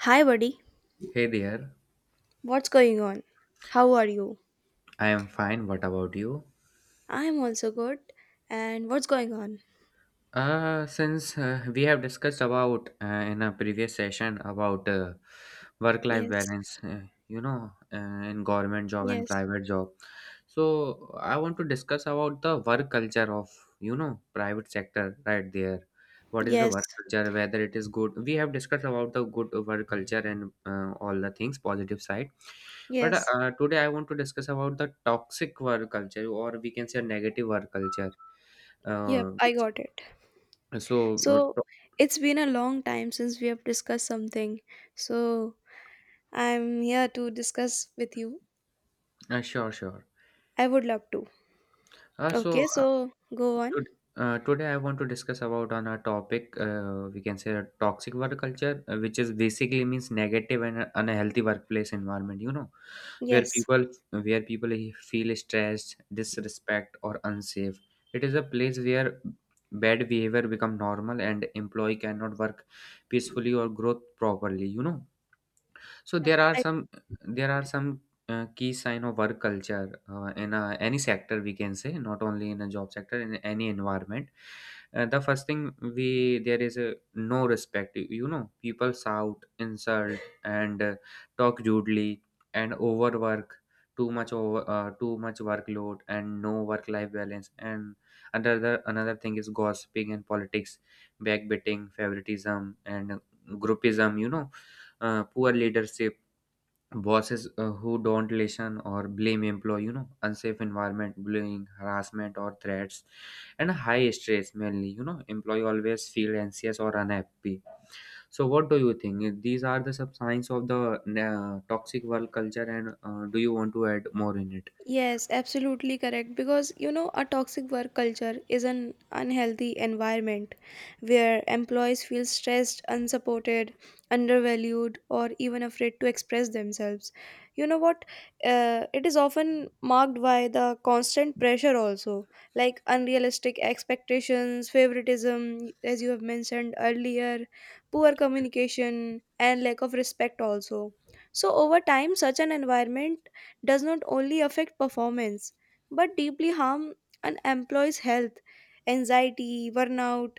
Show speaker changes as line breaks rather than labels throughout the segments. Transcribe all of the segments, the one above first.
Hi, buddy.
Hey there,
What's going on? How are you?
I am fine. What about you?
I'm also good. And what's going on?
Since we have discussed about in a previous session about work-life
Yes,
balance, in government job and
yes,
private job. So I want to discuss about the work culture of, private sector right there. What is the
yes,
work culture, whether it is good. We have discussed about the good work culture and all the things, positive side. But
yes.
today I want to discuss about the toxic work culture, or we can say negative work culture.
Yep,
Uh,
I
which,
got it.
so, uh,
So,
to-
it's been a long time since we have discussed something. So, I'm here to discuss with you.
sure, sure.
I would love to.
Uh, so
Okay,
uh,
so go on.
Tod- Today I want to discuss about on a topic, we can say toxic work culture, which is basically means negative and unhealthy workplace environment. Where
Yes.
people where people feel stressed, disrespect, or unsafe. It is a place where bad behavior become normal and employee cannot work peacefully or growth properly. So there
Yep,
are some there are some key sign of work culture in a, any sector, we can say, not only in a job sector in any environment. The first thing, we there is a no respect, people shout insult and talk rudely, and overwork, too much over too much workload, and no work life balance, and another thing is gossiping and politics, backbiting, favoritism, and groupism. Poor leadership, bosses who don't listen or blame employee. Unsafe environment, bullying, harassment, or threats, and high stress mainly. Employee always feel anxious or unhappy. So what do you think? These are the sub signs of the toxic work culture, and do you want to add more in it?
Yes, absolutely correct. Because you know, a toxic work culture is an unhealthy environment where employees feel stressed, unsupported, undervalued, or even afraid to express themselves. You know what? It is often marked by the constant pressure, also like unrealistic expectations, favoritism, as you have mentioned earlier, poor communication, and lack of respect, also. So, over time, such an environment does not only affect performance, but deeply harm an employee's health, anxiety, burnout,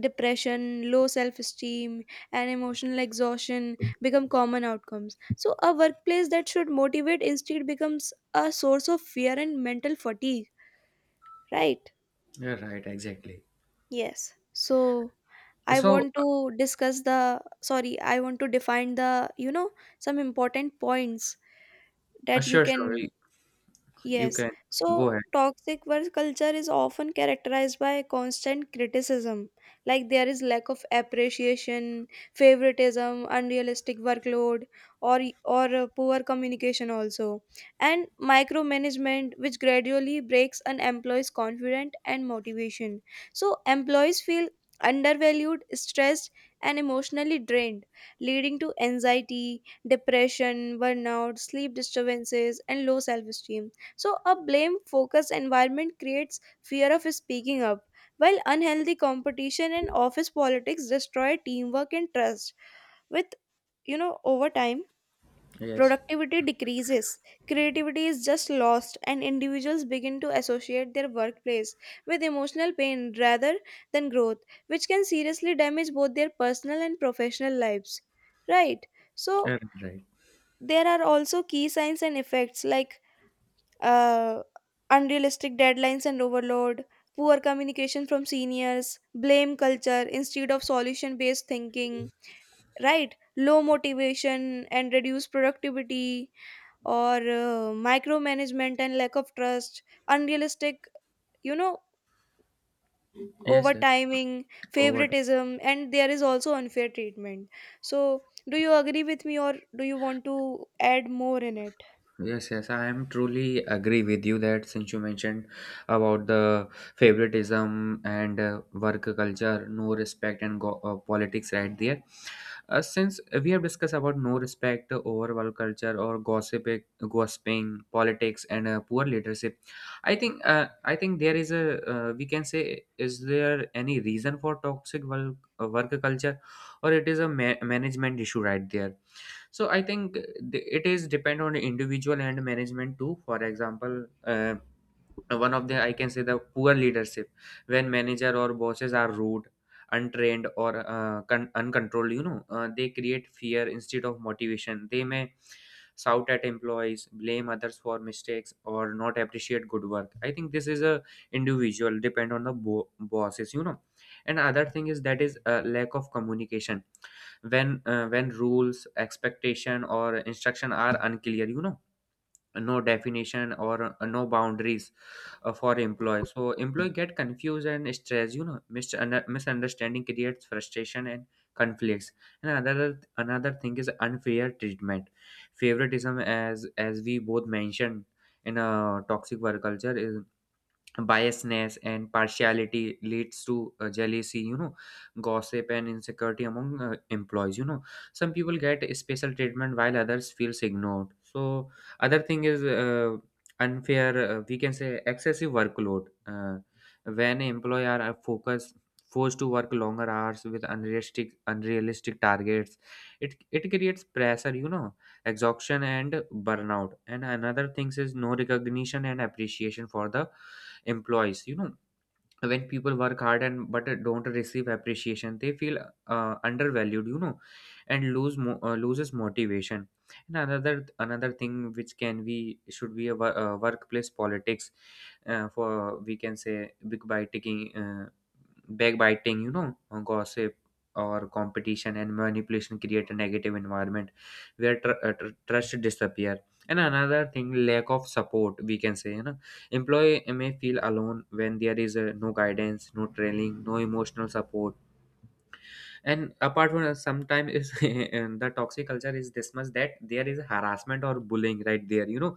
depression, low self-esteem and emotional exhaustion become common outcomes. So a workplace that should motivate instead becomes a source of fear and mental fatigue, right?
Yeah, right, exactly.
Yes, so I
so
want to discuss the, sorry, I want to define the, you know, some important points that you
sure, sure.
can
You
Yes.
can
So
go ahead.
toxic work culture is often characterized by constant criticism. Like, there is lack of appreciation, favoritism, unrealistic workload, or poor communication also. And micromanagement which gradually breaks an employee's confidence and motivation. So employees feel undervalued, stressed, and emotionally drained, leading to anxiety, depression, burnout, sleep disturbances, and low self-esteem. So, a blame focused environment creates fear of speaking up, while unhealthy competition and office politics destroy teamwork and trust. With, you know, over time,
Yes.
productivity decreases, creativity is just lost, and individuals begin to associate their workplace with emotional pain rather than growth, which can seriously damage both their personal and professional lives. Right? So,
Right, right.
there are also key signs and effects like uh, unrealistic deadlines and overload, poor communication from seniors, blame culture instead of solution based thinking, right? Low motivation and reduced productivity, or micromanagement and lack of trust, unrealistic, you know,
Yes, yes.
overtiming,
Over.
favoritism, and there is also unfair treatment. So, do you agree with me, or do you want to add more in it?
Yes, yes, I am truly agree with you that since you mentioned about the favoritism and work culture, no respect, and politics right there. Since we have discussed about no respect, overall culture, or gossiping, politics, and poor leadership, I think there is a, we can say, is there any reason for work culture, or it is a management issue right there? So I think it is depend on individual and management too. For example. One of the, I can say, the poor leadership. When manager or bosses are rude, untrained, or uncontrolled, they create fear instead of motivation. They may shout at employees, blame others for mistakes, or not appreciate good work. I think this is a individual depend on the bosses. And other thing is that is lack of communication. When rules, expectation, or instruction are unclear, no definition or no boundaries for employee, so employee get confused and stressed. Misunderstanding creates frustration and conflicts. And another thing is unfair treatment, favoritism, as we both mentioned. In a toxic work culture is biasness and partiality leads to jealousy, gossip, and insecurity among employees. Some people get special treatment while others feels ignored. So other thing is, unfair we can say, excessive workload. When employee are focused forced to work longer hours with unrealistic targets, it creates pressure, exhaustion and burnout. And another things is no recognition and appreciation for the employees. When people work hard and but don't receive appreciation, they feel undervalued, and loses motivation. And another thing which can be should be a workplace politics, for, we can say, big biting backbiting, gossip, or competition and manipulation create a negative environment where trust disappear. And another thing, lack of support, we can say, Employee may feel alone when there is no guidance, no training, no emotional support. And apart from that, sometimes is the toxic culture is this much that there is harassment or bullying right there.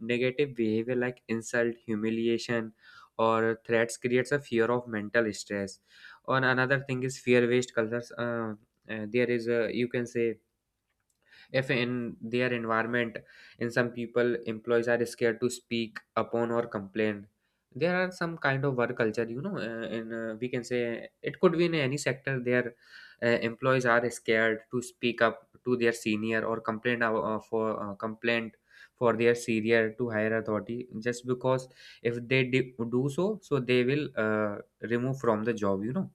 Negative behavior like insult, humiliation, or threats creates a fear of mental stress. Or another thing is fear-based cultures. There is a, you can say, if in their environment, in some people employees are scared to speak upon or complain. There are some kind of work culture, you know in we can say, it could be in any sector. Their employees are scared to speak up to their senior, or complain, for complaint for their senior to higher authority, just because if they do so they will remove from the job.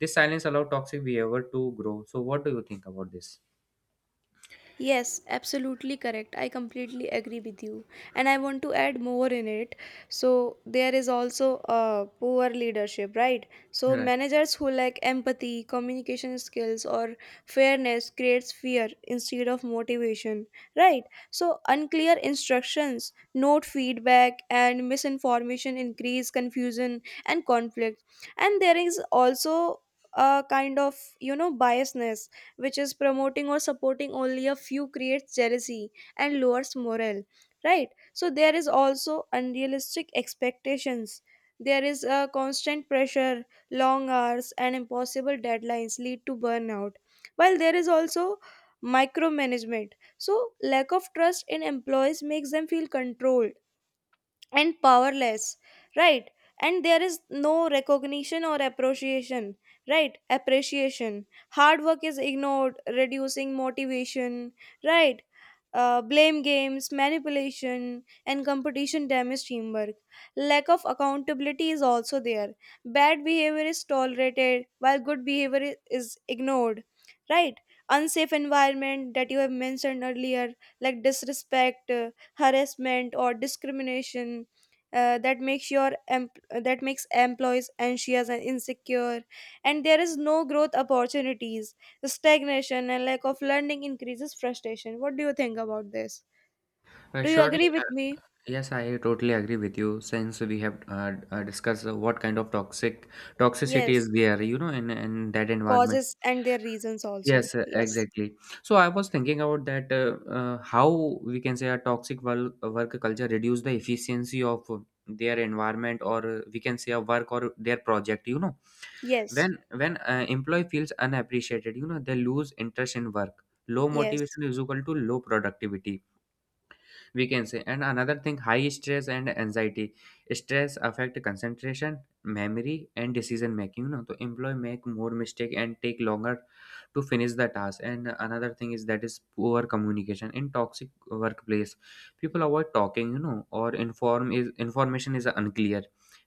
This silence allow toxic behavior to grow. So what do you think about this?
Yes, absolutely correct. I completely agree with you. And I want to add more in it. So, there is also poor leadership, right? So,
Right.
managers who lack empathy, communication skills, or fairness creates fear instead of motivation, right? So, unclear instructions, note feedback, and misinformation increase confusion and conflict. And there is also a kind of, you know, biasness, which is promoting or supporting only a few, creates jealousy and lowers morale. Right, so there is also unrealistic expectations. There is a constant pressure. Long hours and impossible deadlines lead to burnout, while there is also micromanagement. So lack of trust in employees makes them feel controlled and powerless, right? And there is no recognition or appreciation. Right, appreciation, hard work is ignored, reducing motivation, right? Blame games, manipulation, and competition damage teamwork. Lack of accountability is also there. Bad behavior is tolerated while good behavior is ignored, right? Unsafe environment, that you have mentioned earlier, like disrespect, harassment, or discrimination, uh, that makes your em- that makes employees anxious and insecure. And there is no growth opportunities, the stagnation and lack of learning increases frustration. What do you think about this? Do you
Surely,
agree with me?
yes, I totally agree with you. Since we have discussed what kind of toxicity
Yes,
is there, in that environment.
causes and their reasons also.
Yes,
Yes.
exactly. So I was thinking about that, how, we can say, a toxic work culture reduce the efficiency of their environment, or we can say a work or their project.
Yes.
When when employee feels unappreciated, they lose interest in work. Low
Yes.
motivation is equal to low productivity, we can say. And another thing, high stress and anxiety. Stress affect concentration, memory, and decision making. The employee make more mistake and take longer to finish the task. And another thing is that is poor communication. In toxic workplace, people avoid talking, or information is unclear.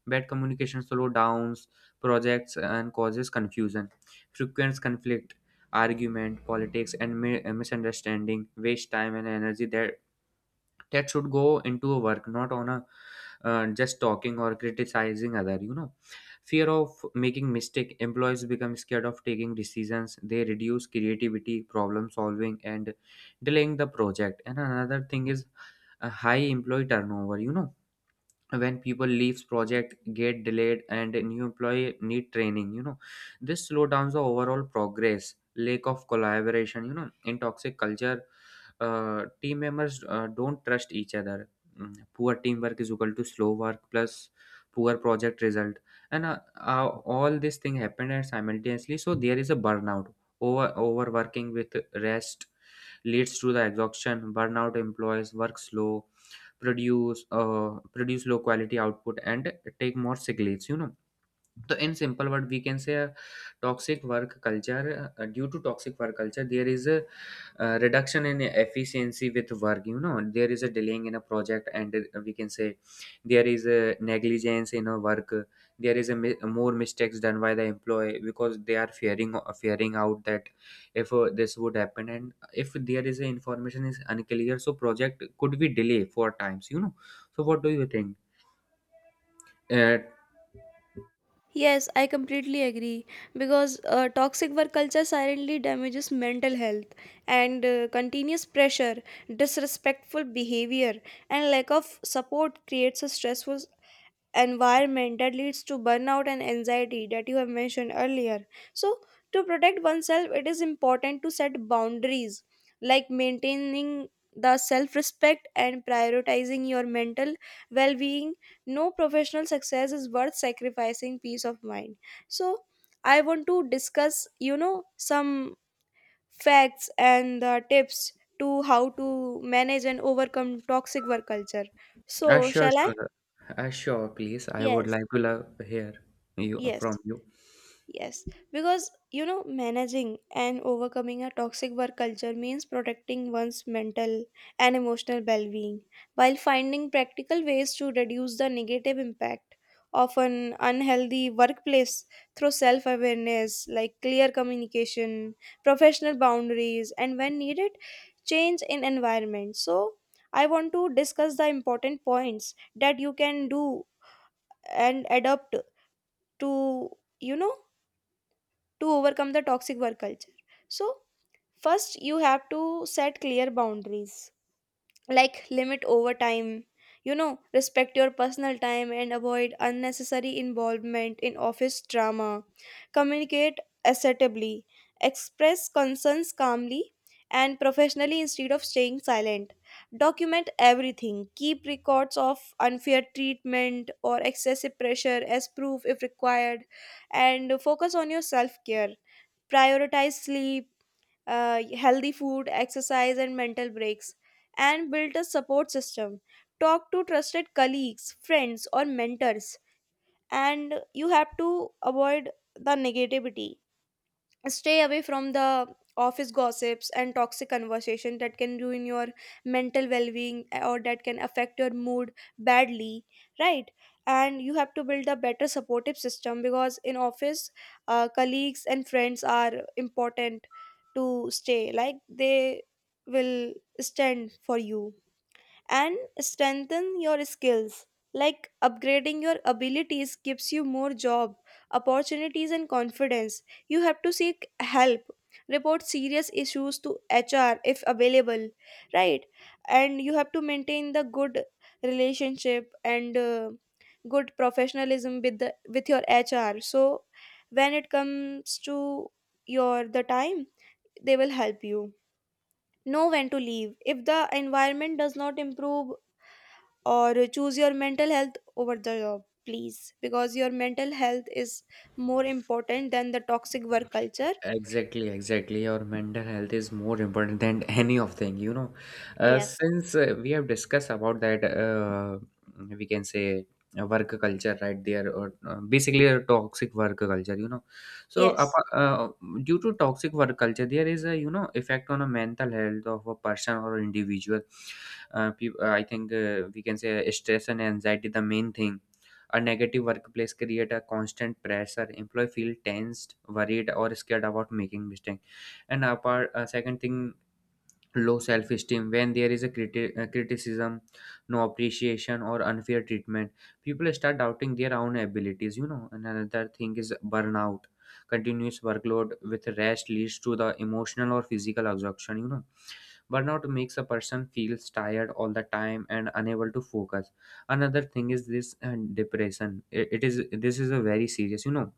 Bad communication slow downs projects and causes confusion. Frequent conflict, argument, politics, and misunderstanding waste time and energy that should go into a work, not on a just talking or criticizing other. Fear of making mistake, employees become scared of taking decisions. They reduce creativity, problem solving, and delaying the project. And another thing is a high employee turnover. When people leaves, project get delayed, and a new employee need training. This slow downs the overall progress. Lack of collaboration, in toxic culture, team members don't trust each other. Poor teamwork is equal to slow work plus poor project result. And all this thing happened and simultaneously, so there is a burnout. Overworking with rest leads to the exhaustion. Burnout, employees work slow, produce low quality output, and take more sick leaves. So in simple word, we can say a toxic work culture. Due to toxic work culture, there is a reduction in efficiency with work. There is a delaying in a project, and we can say there is a negligence in a work. There is a more mistakes done by the employee because they are fearing out that if this would happen, and if there is a information is unclear, so project could be delay for times. So what do you think? Uh,
Yes, I completely agree, because toxic work culture silently damages mental health. And continuous pressure, disrespectful behavior, and lack of support creates a stressful environment that leads to burnout and anxiety, that you have mentioned earlier. So, to protect oneself, it is important to set boundaries like maintaining the self respect and prioritizing your mental well being. No professional success is worth sacrificing peace of mind. So, I want to discuss, you know, some facts and the tips to how to manage and overcome toxic work culture. So,
Sure,
shall I?
sure. Sure, please. I would
Yes.
like to love hear you from
Yes.
you.
Yes, because you know, managing and overcoming a toxic work culture means protecting one's mental and emotional well being while finding practical ways to reduce the negative impact of an unhealthy workplace through self awareness, like clear communication, professional boundaries, and when needed, change in environment. So, I want to discuss the important points that you can do and adapt to, you know, to overcome the toxic work culture. So, first, you have to set clear boundaries, like limit overtime, you know, respect your personal time, and avoid unnecessary involvement in office drama. Communicate assertively, express concerns calmly and professionally instead of staying silent. Document everything, keep records of unfair treatment or excessive pressure as proof if required, and focus on your self care prioritize sleep, healthy food, exercise, and mental breaks, and build a support system. Talk to trusted colleagues, friends, or mentors, and you have to avoid the negativity, stay away from the office gossips and toxic conversation that can ruin your mental well-being, or that can affect your mood badly, right? And you have to build a better supportive system, because in office, colleagues and friends are important to stay, like they will stand for you. And strengthen your skills, like upgrading your abilities gives you more job opportunities and confidence. You have to seek help, report serious issues to HR if available, right? And you have to maintain the good relationship and good professionalism with your HR, so when it comes to your the time, they will help you know when to leave, if the environment does not improve, or choose your mental health over the job, please, because your mental health is more important than the toxic work culture.
Exactly, exactly. Your mental health is more important than any of thing.
Yes.
Since we have discussed about that, we can say, work culture right there, or basically a toxic work culture. So,
Yes.
due to toxic work culture, there is a, effect on a mental health of a person or individual. I think, we can say, stress and anxiety the main thing. A negative workplace create a constant pressure. Employee feel tensed, worried, or scared about making mistake. And apart, second thing, low self esteem. When there is a criticism, no appreciation, or unfair treatment, people start doubting their own abilities. And another thing is burnout. Continuous workload with rest leads to the emotional or physical exhaustion. Burnout makes a person feels tired all the time and unable to focus. Another thing is this and depression. I- It is this is a very serious,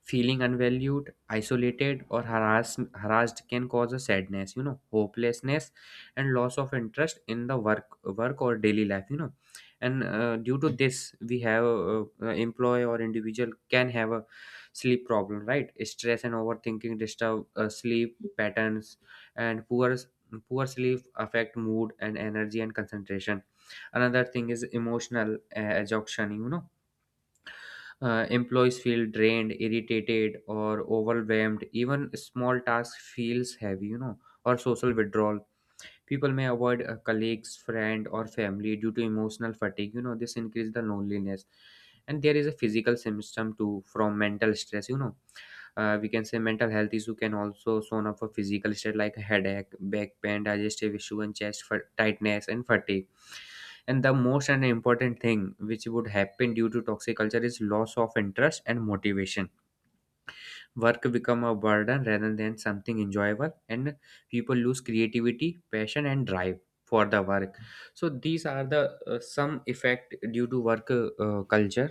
Feeling unvalued, isolated, or harassed can cause a sadness, hopelessness, and loss of interest in the work or daily life. And due to this, we have employee or individual can have a sleep problem, right? Stress and overthinking disturb sleep patterns, and poor sleep affect mood and energy and concentration. Another thing is emotional exhaustion. Employees feel drained, irritated, or overwhelmed. Even small tasks feels heavy, or social withdrawal. People may avoid a colleagues, friend, or family due to emotional fatigue. You know, this increase the loneliness, and there is a physical symptom too from mental stress. You know, we can say mental health issue can also shown up for physical stress like headache, back pain, digestive issue, and chest for tightness and fatigue and the most and important thing which would happen due to toxic culture is loss of interest and motivation. Work become a burden rather than something enjoyable, and people lose creativity, passion, and drive for the work. So these are the some effect due to work culture,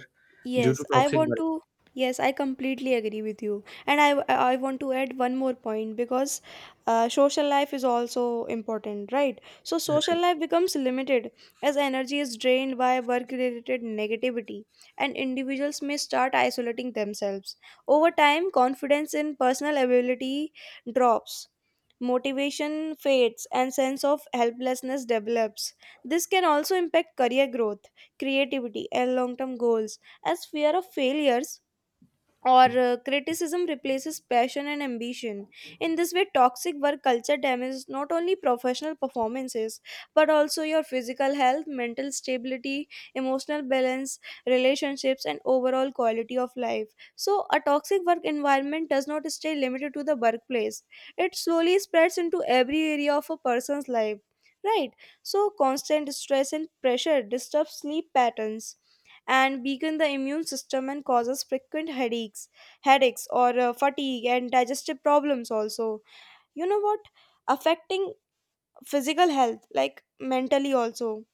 due to
Yes, I
toxic
want
work,
to. Yes, I completely agree with you. And I want to add one more point, because social life is also important, right? So, social
right?
life becomes limited as energy is drained by work related negativity, and individuals may start isolating themselves. Over time, confidence in personal ability drops. Motivation fades and sense of helplessness develops. This can also impact career growth, creativity, and long term goals, as fear of failures or criticism replaces passion and ambition. In this way, toxic work culture damages not only professional performances, but also your physical health, mental stability, emotional balance, relationships, and overall quality of life. So, a toxic work environment does not stay limited to the workplace, it slowly spreads into every area of a person's life. Right, so constant stress and pressure disturb sleep patterns, and weaken the immune system and causes frequent headaches or fatigue and digestive problems also. You know what, affecting physical health, like mentally also,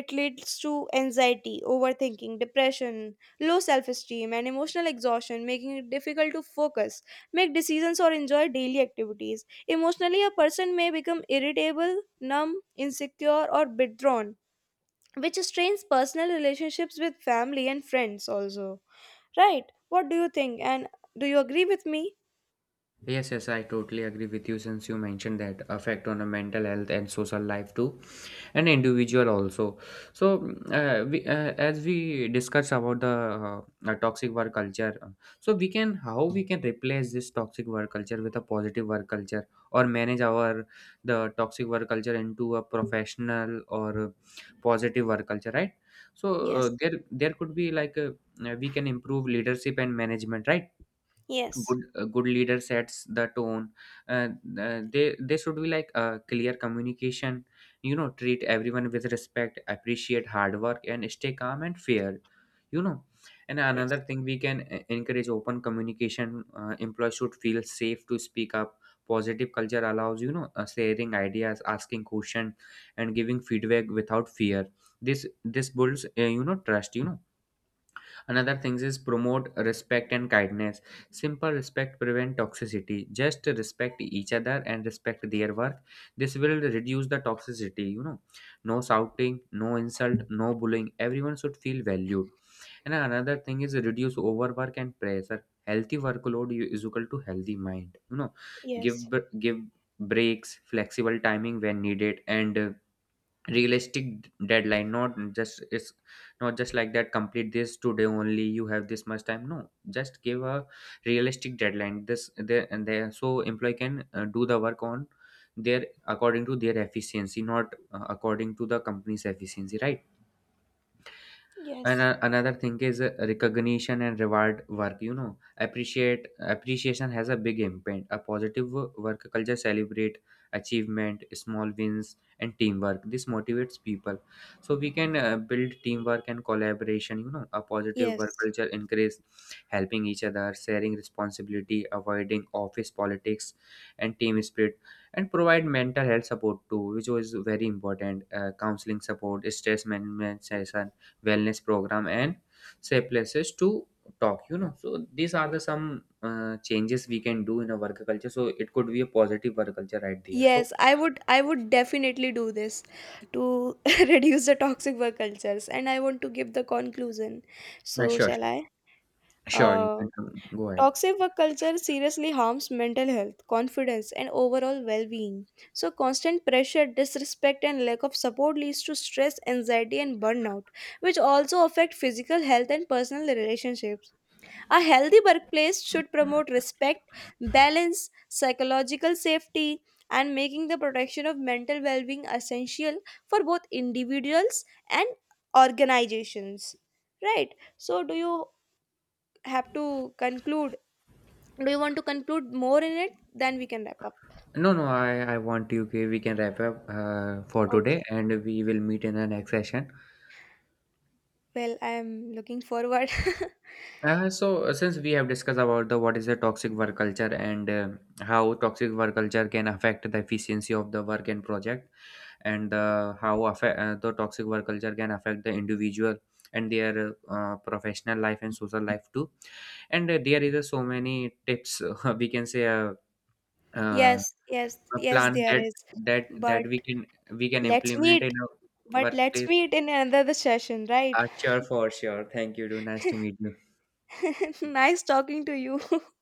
it leads to anxiety, overthinking, depression, low self-esteem, and emotional exhaustion, making it difficult to focus, make decisions, or enjoy daily activities. Emotionally, a person may become irritable, numb, insecure, or withdrawn, which strains personal relationships with family and friends also. Right, what do you think, and do you agree with me?
Yes, yes, I totally agree with you since you mentioned that effect on a mental health and social life too, and individual also. So we, as we discuss about the toxic work culture, so we can, how we can replace this toxic work culture with a positive work culture, or manage our the toxic work culture into a professional or positive work culture, right? So
Yes,
there could be like a, we can improve leadership and management, right?
yes,
Good, a good leader sets the tone. uh, they should be like clear communication, you know, treat everyone with respect, appreciate hard work, and stay calm and fair, you know. And
yes,
another thing we can encourage open communication. Employees should feel safe to speak up. Positive culture allows, you know, sharing ideas, asking questions, and giving feedback without fear. This builds you know, trust, you know. Another things is promote respect and kindness. Simple respect prevent toxicity. Just respect each other and respect their work. This will reduce the toxicity, you know. No shouting, no insult, no bullying, everyone should feel valued. And another thing is reduce overwork and pressure. Healthy workload is equal to healthy mind, you know.
yes,
Give breaks, flexible timing when needed, and realistic deadline. Not just it's not just like that, complete this today only, you have this much time. No, just give a realistic deadline this there and there, so employee can do the work on their, according to their efficiency, not according to the company's efficiency, right? And
yes,
another thing is recognition and reward work, you know. Appreciate, appreciation has a big impact. A positive work culture celebrate achievement, small wins, and teamwork. This motivates people. So we can build teamwork and collaboration, you know. A positive work
yes.
culture increase helping each other, sharing responsibility, avoiding office politics, and team spirit. And provide mental health support too, which was very important. Counseling support, stress management session, wellness program, and safe places to talk, you know. So these are the some changes we can do in a work culture, so it could be a positive work culture, right there. So
Yes, I would, I would definitely do this to reduce the toxic work cultures. And I want to give the conclusion, so
sure.
shall I?
Sure, you
uh
can go ahead.
Toxic work culture seriously harms mental health, confidence, and overall well being. So, constant pressure, disrespect, and lack of support leads to stress, anxiety, and burnout, which also affect physical health and personal relationships. A healthy workplace should promote respect, balance, psychological safety, and making the protection of mental well being essential for both individuals and organizations. Right? So, do you have to conclude? Do you want to conclude more in it? Then we can wrap up.
No, no, I want you. Okay, we can wrap up for today,
Okay.
and we will meet in the next session.
Well, I'm looking forward.
So since we have discussed about the what is a toxic work culture, and how toxic work culture can affect the efficiency of the work and project, and how affect, the toxic work culture can affect the individual and their professional life and social life too. And there is so many tips, we can say uh,
Yes, yes,
a
yes,
plan
there
that
is.
that
But
we can, we can
let's
implement
meet.
in a
But let's
workplace.
meet in another session, right?
Sure, for sure. Thank you too, nice to meet you.
Nice talking to you.